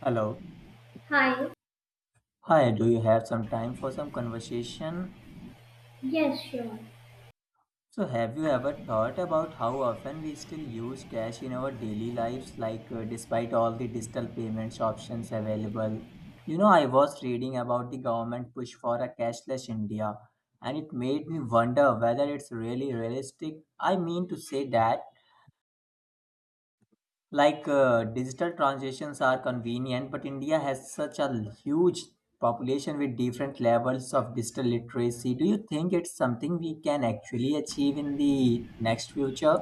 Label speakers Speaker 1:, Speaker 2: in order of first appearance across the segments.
Speaker 1: Hello.
Speaker 2: Hi,
Speaker 1: Hi, do you have some time for some conversation?
Speaker 2: yes, sure.
Speaker 1: So, have you ever thought about how often we still use cash in our daily lives, despite all the digital payments options available? You know, I was reading about the government push for a cashless India, and it made me wonder whether it's really realistic. I mean to say that digital transactions are convenient but india has such a huge population with different levels of digital literacy. Do you think it's something we can actually achieve in the next future?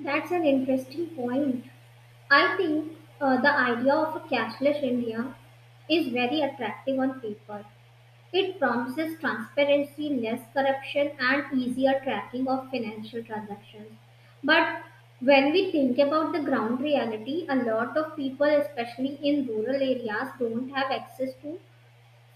Speaker 2: That's an interesting point. I think the idea of a cashless India is very attractive on paper. It promises transparency, less corruption, and easier tracking of financial transactions. But when we think about the ground reality, a lot of people, especially in rural areas, don't have access to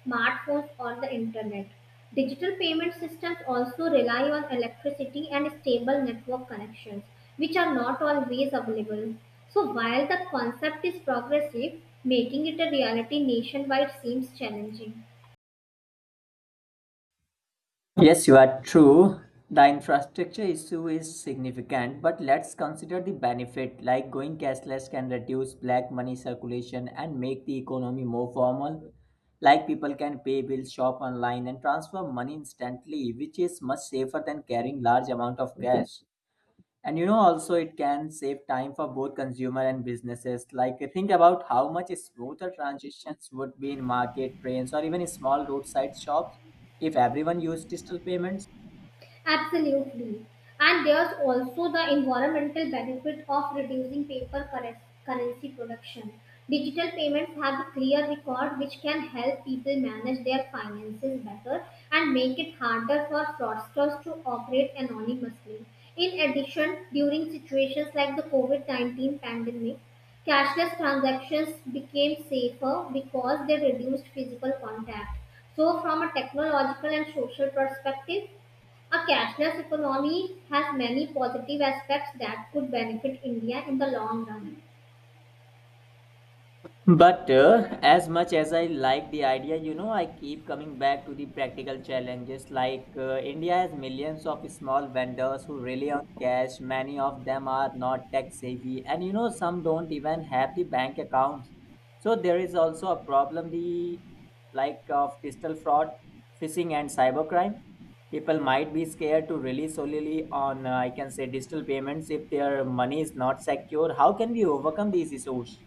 Speaker 2: smartphones, or the internet. Digital payment systems also rely on electricity and stable network connections, which are not always available. So, while the concept is progressive, making it a reality nationwide seems challenging.
Speaker 1: Yes, you are true. The infrastructure issue is significant, but let's consider the benefit like going cashless can reduce black money circulation and make the economy more formal. Like people can pay bills, shop online, and transfer money instantly, which is much safer than carrying large amount of cash. And you know, also it can save time for both consumer and businesses. Like think about how much smoother transitions would be in market, trains, or even small roadside shops if everyone used digital payments.
Speaker 2: Absolutely. And there's also the environmental benefit of reducing currency production. Digital payments have a clear record which can help people manage their finances better and make it harder for fraudsters to operate anonymously. In addition, during situations like the COVID 19 pandemic, cashless transactions became safer because they reduced physical contact. So, from a technological and social perspective, a cashless economy has many positive aspects that could benefit India in the long run.
Speaker 1: But as much as I like the idea, you know, I keep coming back to the practical challenges. India has millions of small vendors who rely on cash. Many of them are not tech savvy, and you know, some don't even have the bank accounts. So there is also a problem the like of digital fraud, phishing, and cybercrime. People might be scared to rely solely on I can say digital payments if their money is not secure. How can we overcome these issues?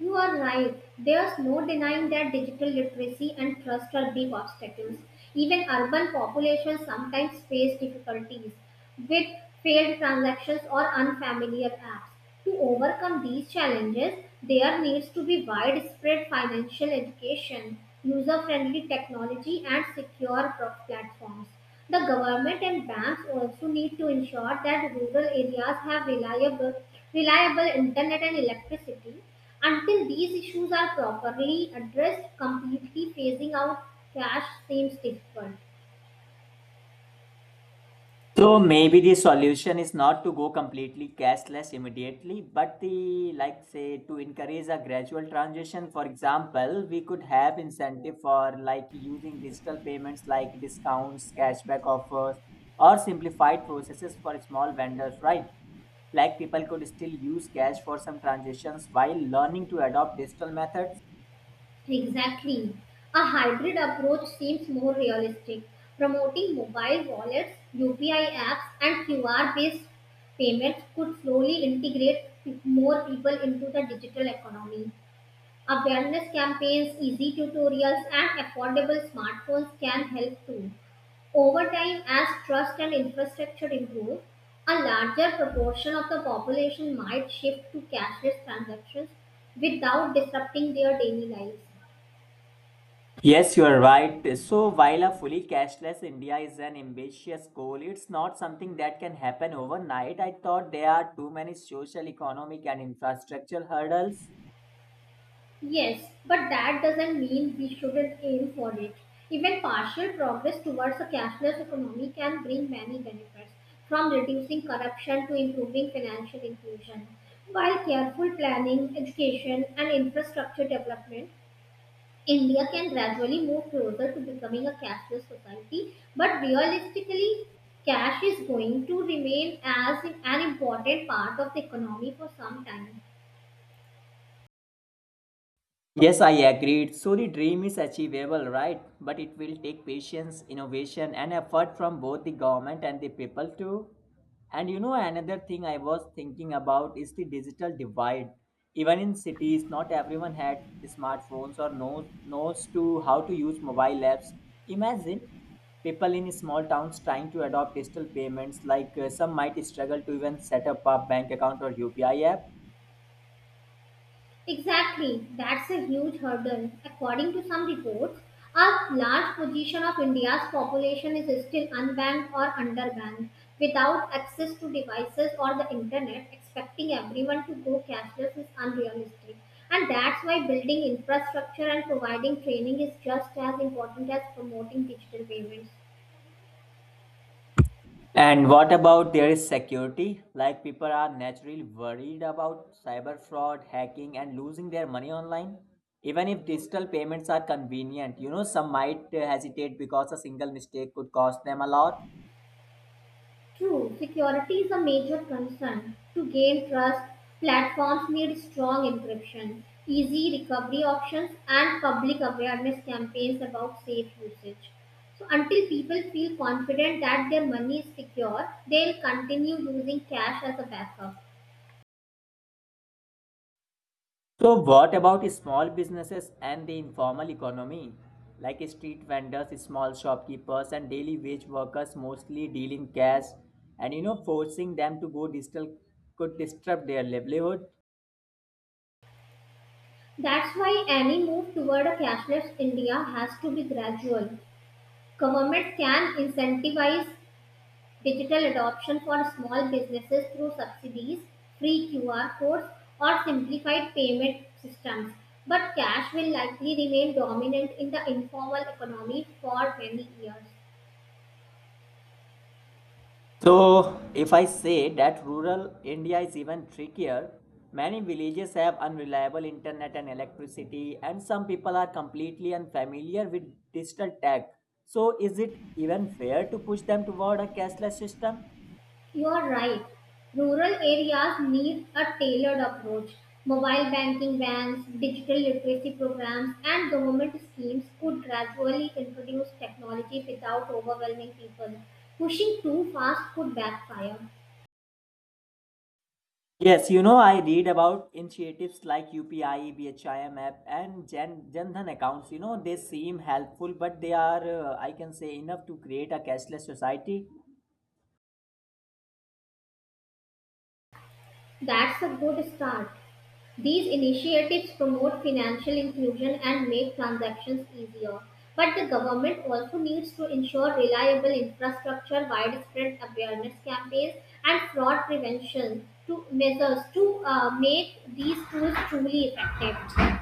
Speaker 2: You are right. There's no denying that digital literacy and trust are big obstacles. Even urban populations sometimes face difficulties with failed transactions or unfamiliar apps. To overcome these challenges, there needs to be widespread financial education, user friendly technology, and platforms. The government and banks also need to ensure that rural areas have reliable internet and electricity until these issues are properly addressed, completely phasing out cash seems difficult.
Speaker 1: So maybe the solution is not to go completely cashless immediately, but the like say to encourage a gradual transition. For example, we could have incentive for like using digital payments like discounts, cashback offers, or simplified processes for small vendors, right? Like people could still use cash for some transactions while learning to adopt digital methods.
Speaker 2: Exactly. A hybrid approach seems more realistic, promoting mobile wallets, UPI apps, and QR based payments could slowly integrate more people into the digital economy. Awareness campaigns, easy tutorials, and affordable smartphones can help too. Over time, as trust and infrastructure improve, a larger proportion of the population might shift to cashless transactions without disrupting their daily lives.
Speaker 1: Yes, you are right. So, while a fully cashless India is an ambitious goal, it's not something that can happen overnight. I thought there are too many social, economic, and infrastructural hurdles.
Speaker 2: Yes, but that doesn't mean we shouldn't aim for it. Even partial progress towards a cashless economy can bring many benefits, from reducing corruption to improving financial inclusion. While careful planning, education, and infrastructure development India can gradually move closer to becoming a cashless society, but realistically, cash is going to remain as an important part of the economy for some time.
Speaker 1: Yes, I agreed. So the dream is achievable, right? But it will take patience, innovation, and effort from both the government and the people too. And you know, another thing I was thinking about is the digital divide. Even in cities, not everyone had smartphones or knows to how to use mobile apps. Imagine people in small towns trying to adopt digital payments. Some might struggle to even set up a bank account or UPI app.
Speaker 2: Exactly, that's a huge hurdle. According to some reports, a large portion of India's population is still unbanked or underbanked, without access to devices or the internet. Expecting everyone to go cashless is unrealistic. And that's why building infrastructure and providing training is just as important as promoting digital payments.
Speaker 1: And what about there is security? Like people are naturally worried about cyber fraud, hacking, and losing their money online. Even if digital payments are convenient, you know, some might hesitate because a single mistake could cost them a lot.
Speaker 2: True, security is a major concern. To gain trust, platforms need strong encryption, easy recovery options, and public awareness campaigns about safe usage. So, until people feel confident that their money is secure, they'll continue using cash as a backup.
Speaker 1: So, what about small businesses and the informal economy? Like street vendors, small shopkeepers, and daily wage workers mostly dealing cash, and you know, forcing them to go digital could disrupt their livelihood.
Speaker 2: That's why any move toward a cashless India has to be gradual. Governments can incentivize digital adoption for small businesses through subsidies, free QR codes, or simplified payment systems. But cash will likely remain dominant in the informal economy for many years.
Speaker 1: So, if I say that rural India is even trickier, many villages have unreliable internet and electricity, and some people are completely unfamiliar with digital tech. So, is it even fair to push them toward a cashless system?
Speaker 2: You are right. Rural areas need a tailored approach. Mobile banking bans, digital literacy programs, and government schemes could gradually introduce technology without overwhelming people. Pushing too fast could backfire.
Speaker 1: Yes, you know, I read about initiatives like UPI, BHIM app, and Jan Jandhan accounts. You know, they seem helpful, but they are, I can say, enough to create a cashless society.
Speaker 2: That's a good start. These initiatives promote financial inclusion and make transactions easier. But the government also needs to ensure reliable infrastructure, widespread awareness campaigns, and fraud prevention to measures to make these tools truly effective.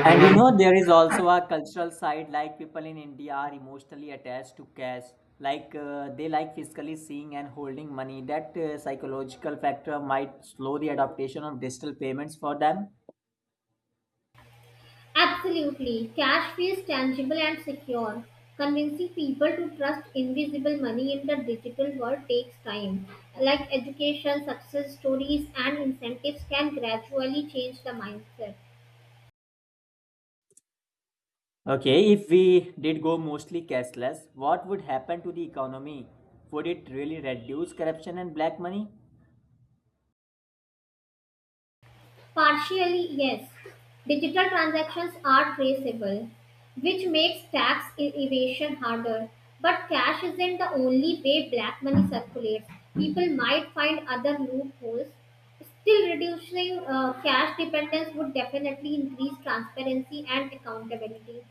Speaker 1: And you know, there is also a cultural side like people in India are emotionally attached to cash. They like physically seeing and holding money. That psychological factor might slow the adaptation of digital payments for them.
Speaker 2: Absolutely. Cash feels tangible and secure. Convincing people to trust invisible money in the digital world takes time. Like education, success stories, and incentives can gradually change the mindset.
Speaker 1: Okay, if we did go mostly cashless, what would happen to the economy? Would it really reduce corruption and black money?
Speaker 2: Partially, yes. Digital transactions are traceable, which makes evasion harder. But cash isn't the only way black money circulates. People might find other loopholes. Still, reducing cash dependence would definitely increase transparency and accountability.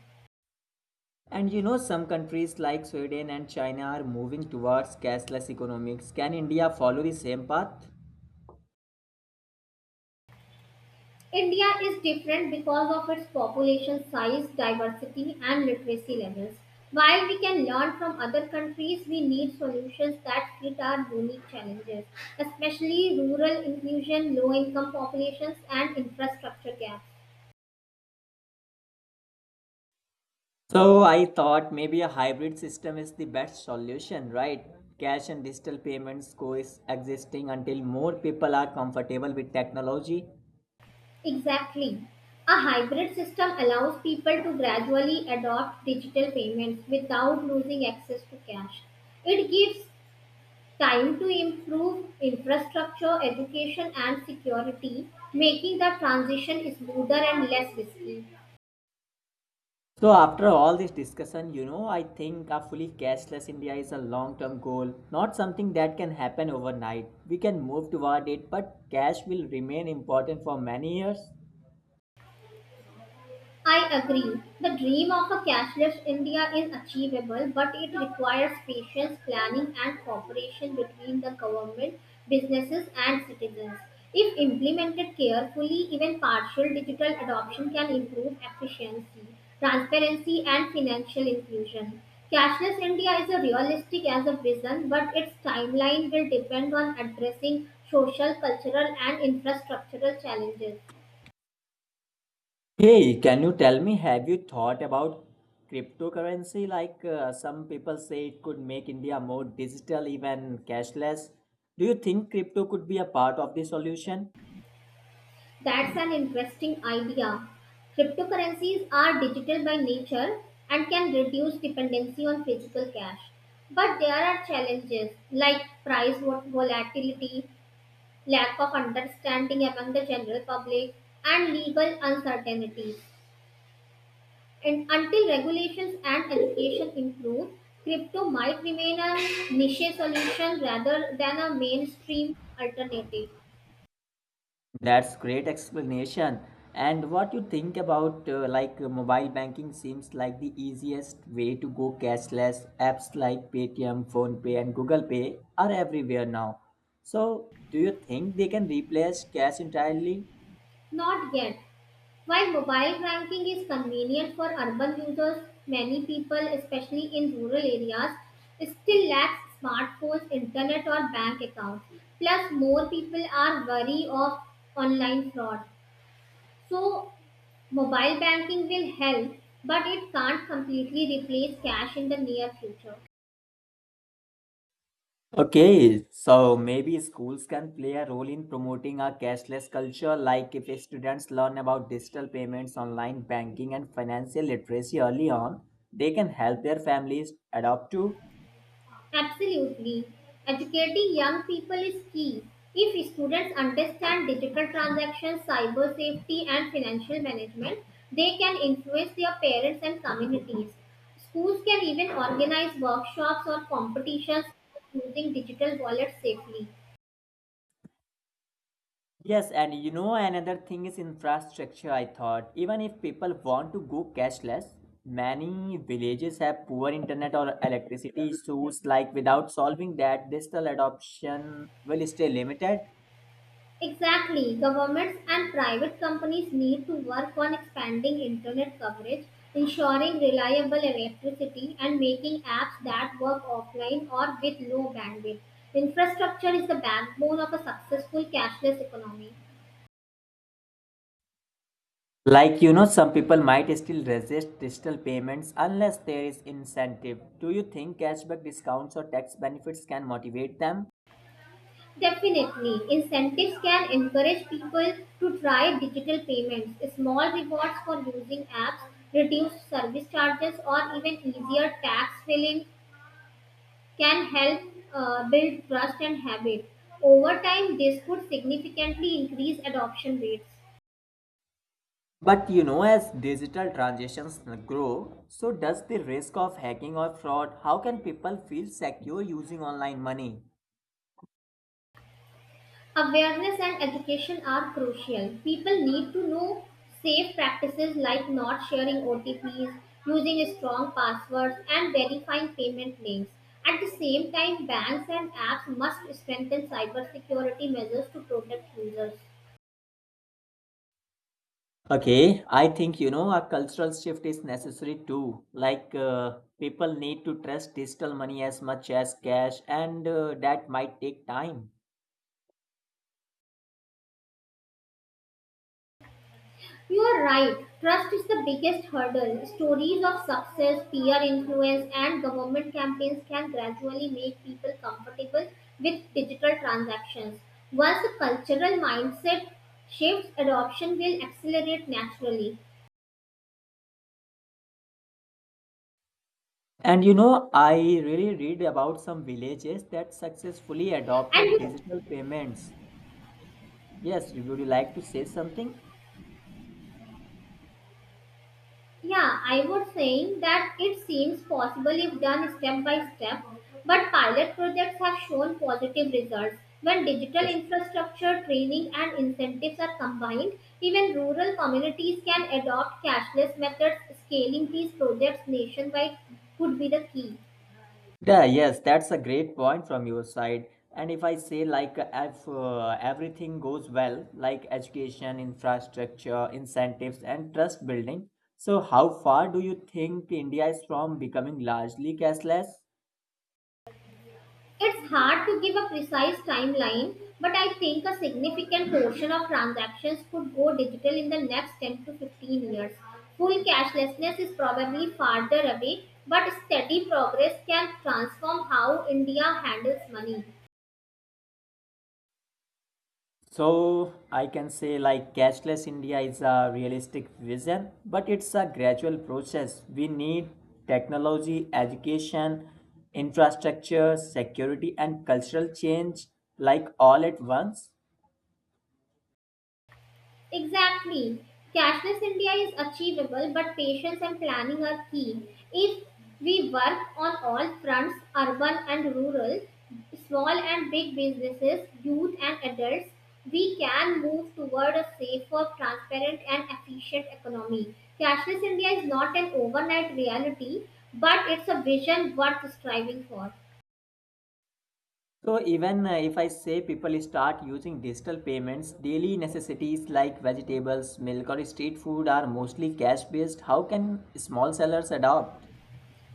Speaker 1: And you know, some countries like Sweden and China are moving towards cashless economics. Can India follow the same path?
Speaker 2: India is different because of its population size, diversity, and literacy levels. While we can learn from other countries, we need solutions that fit our unique challenges, especially rural inclusion, low income populations, and infrastructure gaps.
Speaker 1: So I thought maybe a hybrid system is the best solution, right? Cash and digital payments coexisting until more people are comfortable with technology.
Speaker 2: Exactly. A hybrid system allows people to gradually adopt digital payments without losing access to cash. It gives time to improve infrastructure, education, and security, making the transition smoother and less risky.
Speaker 1: So after all this discussion, you know, I think a fully cashless India is a long-term goal, not something that can happen overnight. We can move toward it, but cash will remain important for many years.
Speaker 2: I agree. The dream of a cashless India is achievable, but it requires patience, planning, and cooperation between the government, businesses, and citizens. If implemented carefully, even partial digital adoption can improve efficiency, transparency, and financial inclusion. Cashless India is a realistic as a vision, but its timeline will depend on addressing social, cultural, and infrastructural challenges.
Speaker 1: Hey, can you tell me, have you thought about cryptocurrency? Some people say it could make India more digital, even cashless. Do you think crypto could be a part of the solution?
Speaker 2: That's an interesting idea. Cryptocurrencies are digital by nature and can reduce dependency on physical cash. But there are challenges like volatility, lack of understanding among the general public, and legal uncertainties. And until regulations and education improve, crypto might remain a niche solution rather than a mainstream alternative.
Speaker 1: That's great explanation. And what you think about mobile banking seems like the easiest way to go cashless. Apps like Paytm, PhonePe and Google Pay are everywhere now. So, do you think they can replace cash entirely?
Speaker 2: Not yet, while mobile banking is convenient for urban users, many people, especially in rural areas, still lack smartphones, internet, or bank accounts. Plus, more people are wary of online fraud. So, mobile banking will help, but it can't completely replace cash in the near future.
Speaker 1: Okay, so maybe schools can play a role in promoting a cashless culture, like if students learn about digital payments, online banking, and financial literacy early on, they can help their families adopt to.
Speaker 2: Absolutely. Educating young people is key. If students understand digital transactions, cyber safety, and financial management, they can influence their parents and communities. Schools can even organize workshops or competitions using digital wallets safely.
Speaker 1: Yes, and you know, another thing is infrastructure. I thought, even if people want to go cashless, many villages have poor internet or electricity issues, like without solving that, digital adoption will stay limited.
Speaker 2: Exactly. Governments and private companies need to work on expanding internet coverage, ensuring reliable electricity, and making apps that work offline or with low bandwidth. Infrastructure is the backbone of a successful cashless economy.
Speaker 1: Like you know, some people might still resist digital payments unless there is incentive. Do you think cashback discounts or tax benefits can motivate them?
Speaker 2: Definitely, incentives can encourage people to try digital payments, small rewards for using apps, reduced service charges, or even easier tax filing can help build trust and habit. Over time, this could significantly increase adoption rates.
Speaker 1: But you know, as digital transactions grow, so does the risk of hacking or fraud? How can people feel secure using online money?
Speaker 2: Awareness and education are crucial. People need to know safe practices like not sharing OTPs, using strong passwords, and verifying payment links. At the same time, banks and apps must strengthen cybersecurity measures to protect users.
Speaker 1: Okay, I think you know a cultural shift is necessary too. People need to trust digital money as much as cash, and that might take time.
Speaker 2: You are right. Trust is the biggest hurdle. Stories of success, peer influence, and government campaigns can gradually make people comfortable with digital transactions. Once the cultural mindset shifts, adoption will accelerate naturally.
Speaker 1: And you know, I really read about some villages that successfully adopted
Speaker 2: And
Speaker 1: digital payments. Yes, you- would you like to say something?
Speaker 2: yeah, I was saying that it seems possible if done step by step, but pilot projects have shown positive results. When digital
Speaker 1: Yes.
Speaker 2: infrastructure, training, and incentives are combined, even rural communities can adopt cashless methods. Scaling these projects nationwide could be the key.
Speaker 1: Yeah, yes, that's a great point from your side. And if everything goes well, like education, infrastructure, incentives, and trust building, so how far do you think India is from becoming largely cashless?
Speaker 2: It's hard to give a precise timeline, but I think a significant portion of transactions could go digital in the next 10 to 15 years. Full cashlessness is probably farther away, but steady progress can transform how India handles money.
Speaker 1: So I can say like cashless India is a realistic vision, but it's a gradual process. We need technology, education, infrastructure, security, and cultural change like all at once.
Speaker 2: Exactly. Cashless India is achievable, but patience and planning are key. If we work on all fronts, urban and rural, small and big businesses, youth and adults, we can move toward a safer, transparent, and efficient economy. Cashless India is not an overnight reality, but it's a vision worth striving for.
Speaker 1: So even if I say people start using digital payments, daily necessities like vegetables, milk, or street food are mostly cash based. How can small sellers adopt?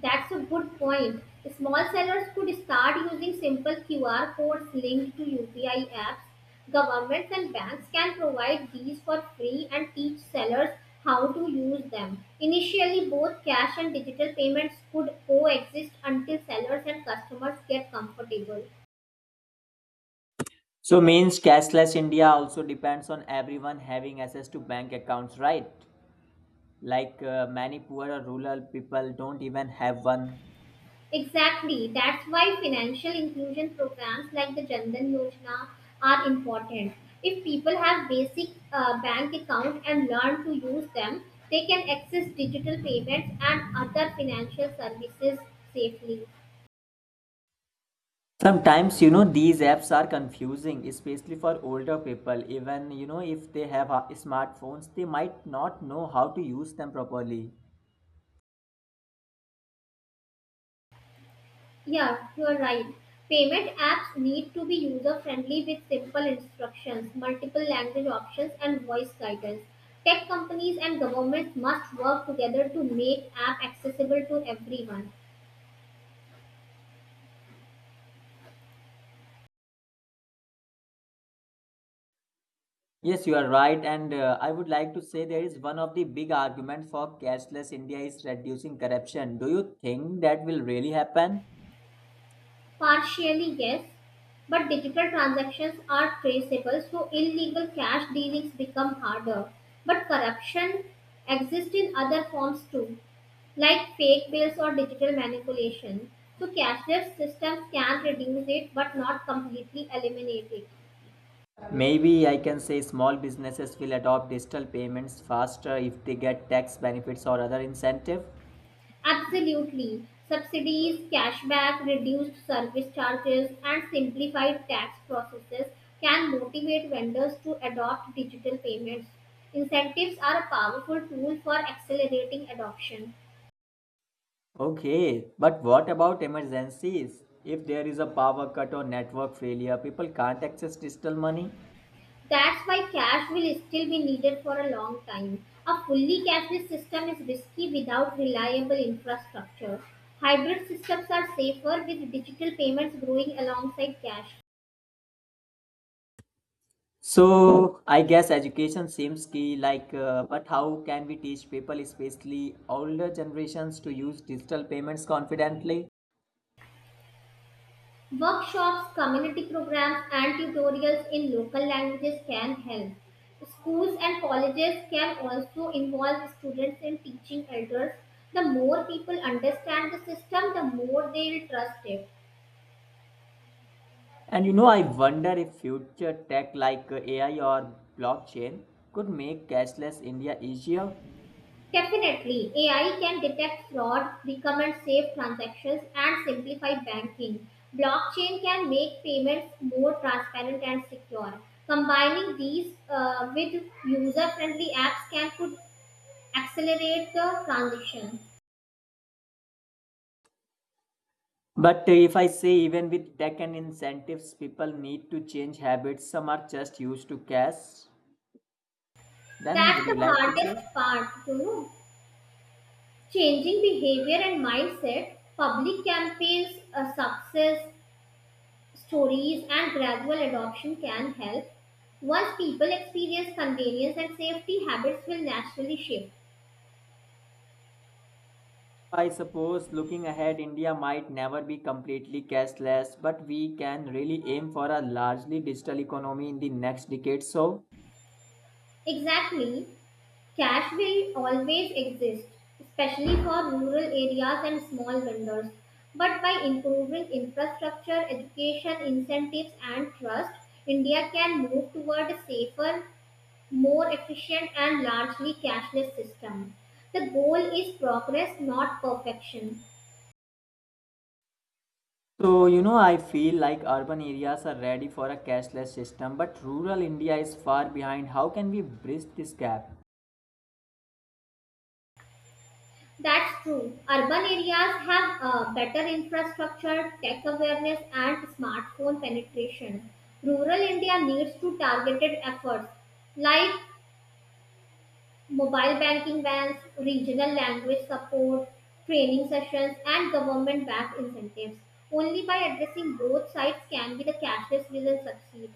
Speaker 2: That's a good point. Small sellers could start using simple QR codes linked to UPI apps. Governments and banks can provide these for free and teach sellers how to use them. Initially, both cash and digital payments could coexist until sellers and customers get comfortable.
Speaker 1: So means cashless India also depends on everyone having access to bank accounts, right? Many poor or rural people don't even have one.
Speaker 2: Exactly. That's why financial inclusion programs like the Jandan Yojana are important. If people have basic bank account and learn to use them, they can access digital payments and other financial services safely.
Speaker 1: Sometimes you know these apps are confusing, especially for older people. Even you know if they have smartphones, they might not know how to use them properly.
Speaker 2: Yeah, you're right. Payment apps need to be user friendly with simple instructions, multiple language options, and voice guidance. Tech companies and governments must work together to make app accessible to everyone.
Speaker 1: Yes, you are right, and I would like to say there is one of the big arguments for cashless India is reducing corruption. Do you think that will really happen?
Speaker 2: Partially, yes, but digital transactions are traceable, so illegal cash dealings become harder. But corruption exists in other forms too, like fake bills or digital manipulation. So, cashless systems can reduce it but not completely eliminate it.
Speaker 1: Maybe I can say small businesses will adopt digital payments faster if they get tax benefits or other incentive.
Speaker 2: Absolutely. Subsidies, cashback, reduced service charges, and simplified tax processes can motivate vendors to adopt digital payments. Incentives are a powerful tool for accelerating adoption.
Speaker 1: Okay, but what about emergencies? If there is a power cut or network failure, people can't access digital money.
Speaker 2: That's why cash will still be needed for a long time. A fully cashless system is risky without reliable infrastructure. Hybrid systems are safer with digital payments growing alongside cash.
Speaker 1: So I guess education seems key. But how can we teach people, especially older generations, to use digital payments confidently?
Speaker 2: Workshops, community programs, and tutorials in local languages can help. Schools and colleges can also involve students in teaching elders. The more people understand the system, the more they'll trust it.
Speaker 1: And you know, I wonder if future tech like AI or blockchain could make cashless India easier.
Speaker 2: Definitely, AI can detect fraud, recommend safe transactions, and simplify banking. Blockchain can make payments more transparent and secure. Combining these with user friendly apps can put accelerate the transition.
Speaker 1: But if I say, even with tech and incentives, people need to change habits, some are just used to cash. Then,
Speaker 2: That's
Speaker 1: would
Speaker 2: the
Speaker 1: you like to say?
Speaker 2: hardest part, you know. Changing behavior and mindset, public campaigns, success stories, and gradual adoption can help. Once people experience convenience and safety, habits will naturally shift.
Speaker 1: I suppose looking ahead, India might never be completely cashless, but we can really aim for a largely digital economy in the next decade. So,
Speaker 2: Exactly. Cash will always exist, especially for rural areas and small vendors. But by improving infrastructure, education, incentives, and trust, India can move toward a safer, more efficient, and largely cashless system. The goal is progress, not perfection.
Speaker 1: so, you know, I feel like urban areas are ready for a cashless system, but rural India is far behind. How can we bridge this gap?
Speaker 2: That's true. Urban areas have better infrastructure, tech awareness, and smartphone penetration. Rural India needs to targeted efforts like mobile banking vans, regional language support, training sessions, and government-backed incentives. Only by addressing both sides can be the cashless vision succeed.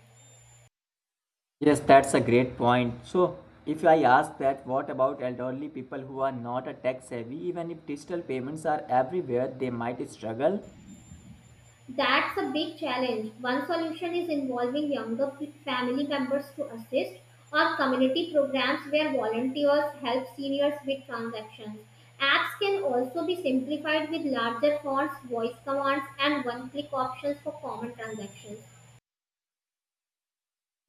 Speaker 1: Yes, that's a great point. So, if I ask that, what about elderly people who are not a tech savvy? Even if digital payments are everywhere, they might struggle.
Speaker 2: That's a big challenge. One solution is involving family members to assist, or community programs where volunteers help seniors with transactions. Apps can also be simplified with larger fonts, voice commands, and one click options for common transactions.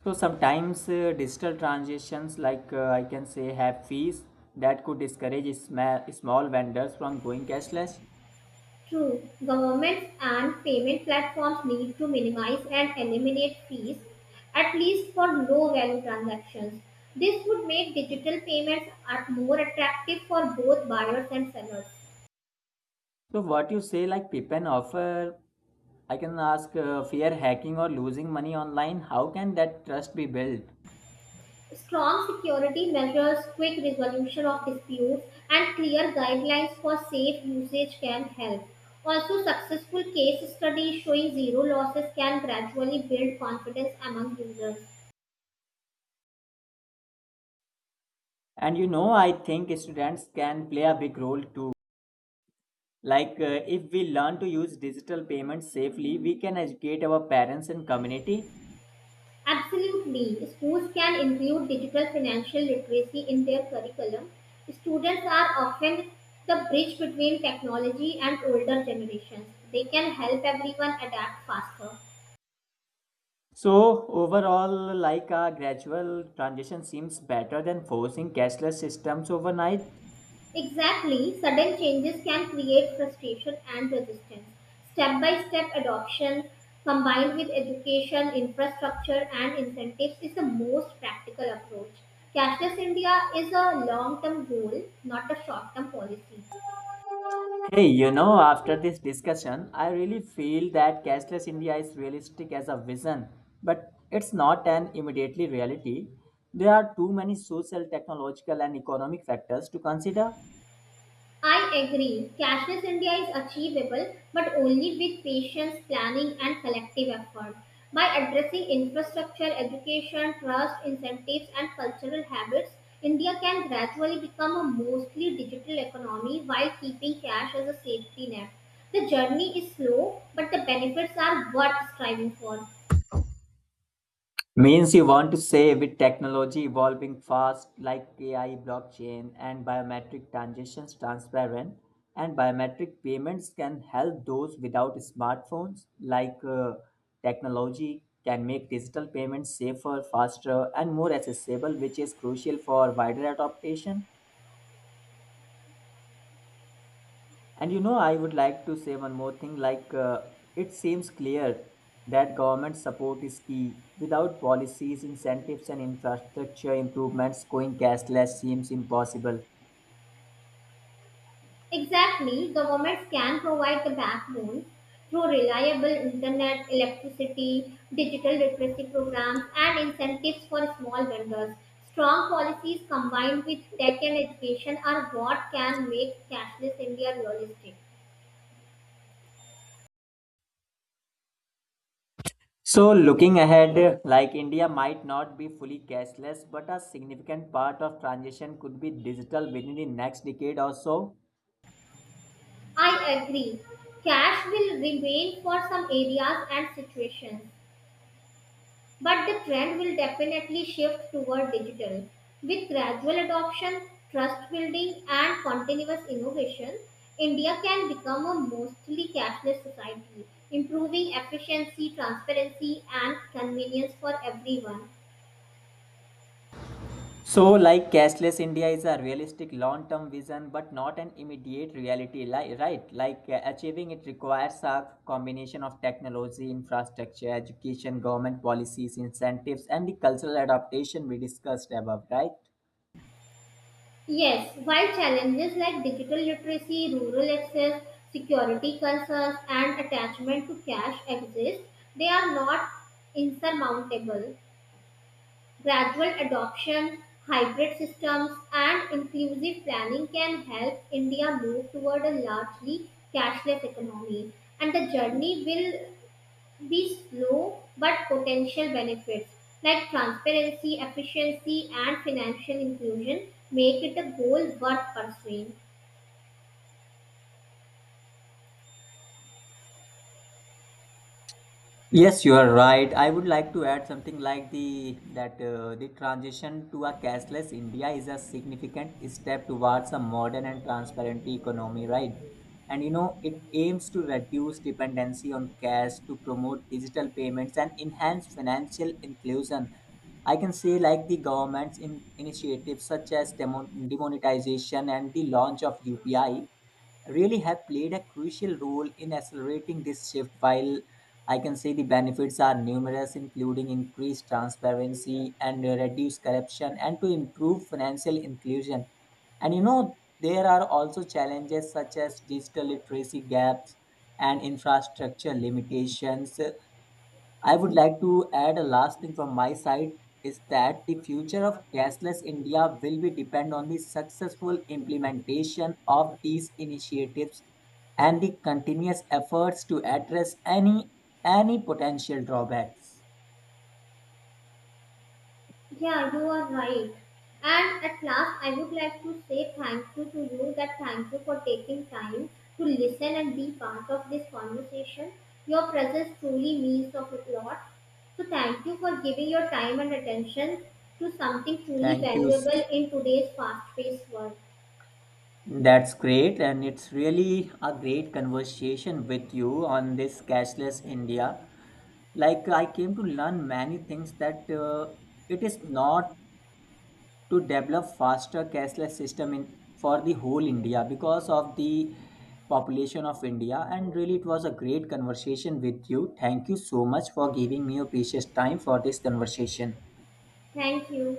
Speaker 1: So, sometimes digital transactions, I can say, have fees that could discourage small vendors from going cashless.
Speaker 2: True, governments and payment platforms need to minimize and eliminate fees, at least for low value transactions. This would make digital payments at more attractive for both buyers and sellers.
Speaker 1: So, what you say, like Pippen offer I can ask fear hacking or losing money online. How can that trust be built?
Speaker 2: Strong security measures, quick resolution of disputes, and clear guidelines for safe usage can help. Also, successful case studies showing zero losses can gradually build confidence among users.
Speaker 1: And you know, I think students can play a big role too. If we learn to use digital payments safely, we can educate our parents and community.
Speaker 2: Absolutely. Schools can include digital financial literacy in their curriculum. Students are often the bridge between technology and older generations. They can help everyone adapt faster.
Speaker 1: So, overall, like a gradual transition seems better than forcing cashless systems overnight.
Speaker 2: Exactly. Sudden changes can create frustration and resistance. Step by step adoption combined with education, infrastructure, and incentives is the most practical approach. Cashless India is a long term goal, not a short term policy.
Speaker 1: Hey, you know, after this discussion, I really feel that cashless India is realistic as a vision, but it's not an immediately reality. There are too many social, technological, and economic factors to consider.
Speaker 2: I agree. Cashless India is achievable, but only with patience, planning, and collective effort. By addressing infrastructure, education, trust, incentives, and cultural habits, India can gradually become a mostly digital economy while keeping cash as a safety net. The journey is slow, but the benefits are worth striving for.
Speaker 1: Means you want to say with technology evolving fast like AI, blockchain, and biometric transactions transparent, and biometric payments can help those without smartphones. Technology can make digital payments safer, faster, and more accessible, which is crucial for wider adoption. And you know, I would like to say one more thing. It seems clear that government support is key. Without policies, incentives, and infrastructure improvements, going cashless seems impossible.
Speaker 2: Exactly, governments can provide the backbone through reliable internet, electricity, digital literacy programs, and incentives for small vendors. Strong policies combined with tech and education are what can make cashless India realistic.
Speaker 1: So, looking ahead, like India might not be fully cashless, but a significant part of transition could be digital within the next decade or so.
Speaker 2: I agree. Cash will remain for some areas and situations, but the trend will definitely shift toward digital. With gradual adoption, trust building, and continuous innovation, India can become a mostly cashless society, improving efficiency, transparency, and convenience for everyone.
Speaker 1: So, like cashless India is a realistic long term vision but not an immediate reality, right? Achieving it requires a combination of technology, infrastructure, education, government policies, incentives, and the cultural adaptation we discussed above, right?
Speaker 2: Yes, while challenges like digital literacy, rural access, security concerns, and attachment to cash exist, they are not insurmountable. Gradual adoption, hybrid systems, and inclusive planning can help India move toward a largely cashless economy. And the journey will be slow but potential benefits like transparency, efficiency, and financial inclusion make it a goal worth pursuing.
Speaker 1: Yes, you are right. I would like to add something like the that the transition to a cashless India is a significant step towards a modern and transparent economy, right? And you know, it aims to reduce dependency on cash, to promote digital payments, and enhance financial inclusion. I can say like the government's in initiatives such as demonetization and the launch of UPI really have played a crucial role in accelerating this shift. While I can say the benefits are numerous, including increased transparency and reduced corruption, and to improve financial inclusion. And you know, there are also challenges such as digital literacy gaps and infrastructure limitations. I would like to add a last thing from my side is that the future of cashless India will be depend on the successful implementation of these initiatives and the continuous efforts to address any potential drawbacks.
Speaker 2: Yeah, you are right. And at last, I would like to say thank you to you that thank you for taking time to listen and be part of this conversation. Your presence truly means of a lot. So thank you for giving your time and attention to something truly
Speaker 1: Thank you.
Speaker 2: valuable in today's fast-paced world.
Speaker 1: That's great, and it's really a great conversation with you on this cashless India. Like I came to learn many things that it is not to develop faster cashless system in for the whole india because of the population of india. And really it was a great conversation with you. Thank you so much for giving me your precious time for this conversation.
Speaker 2: Thank you.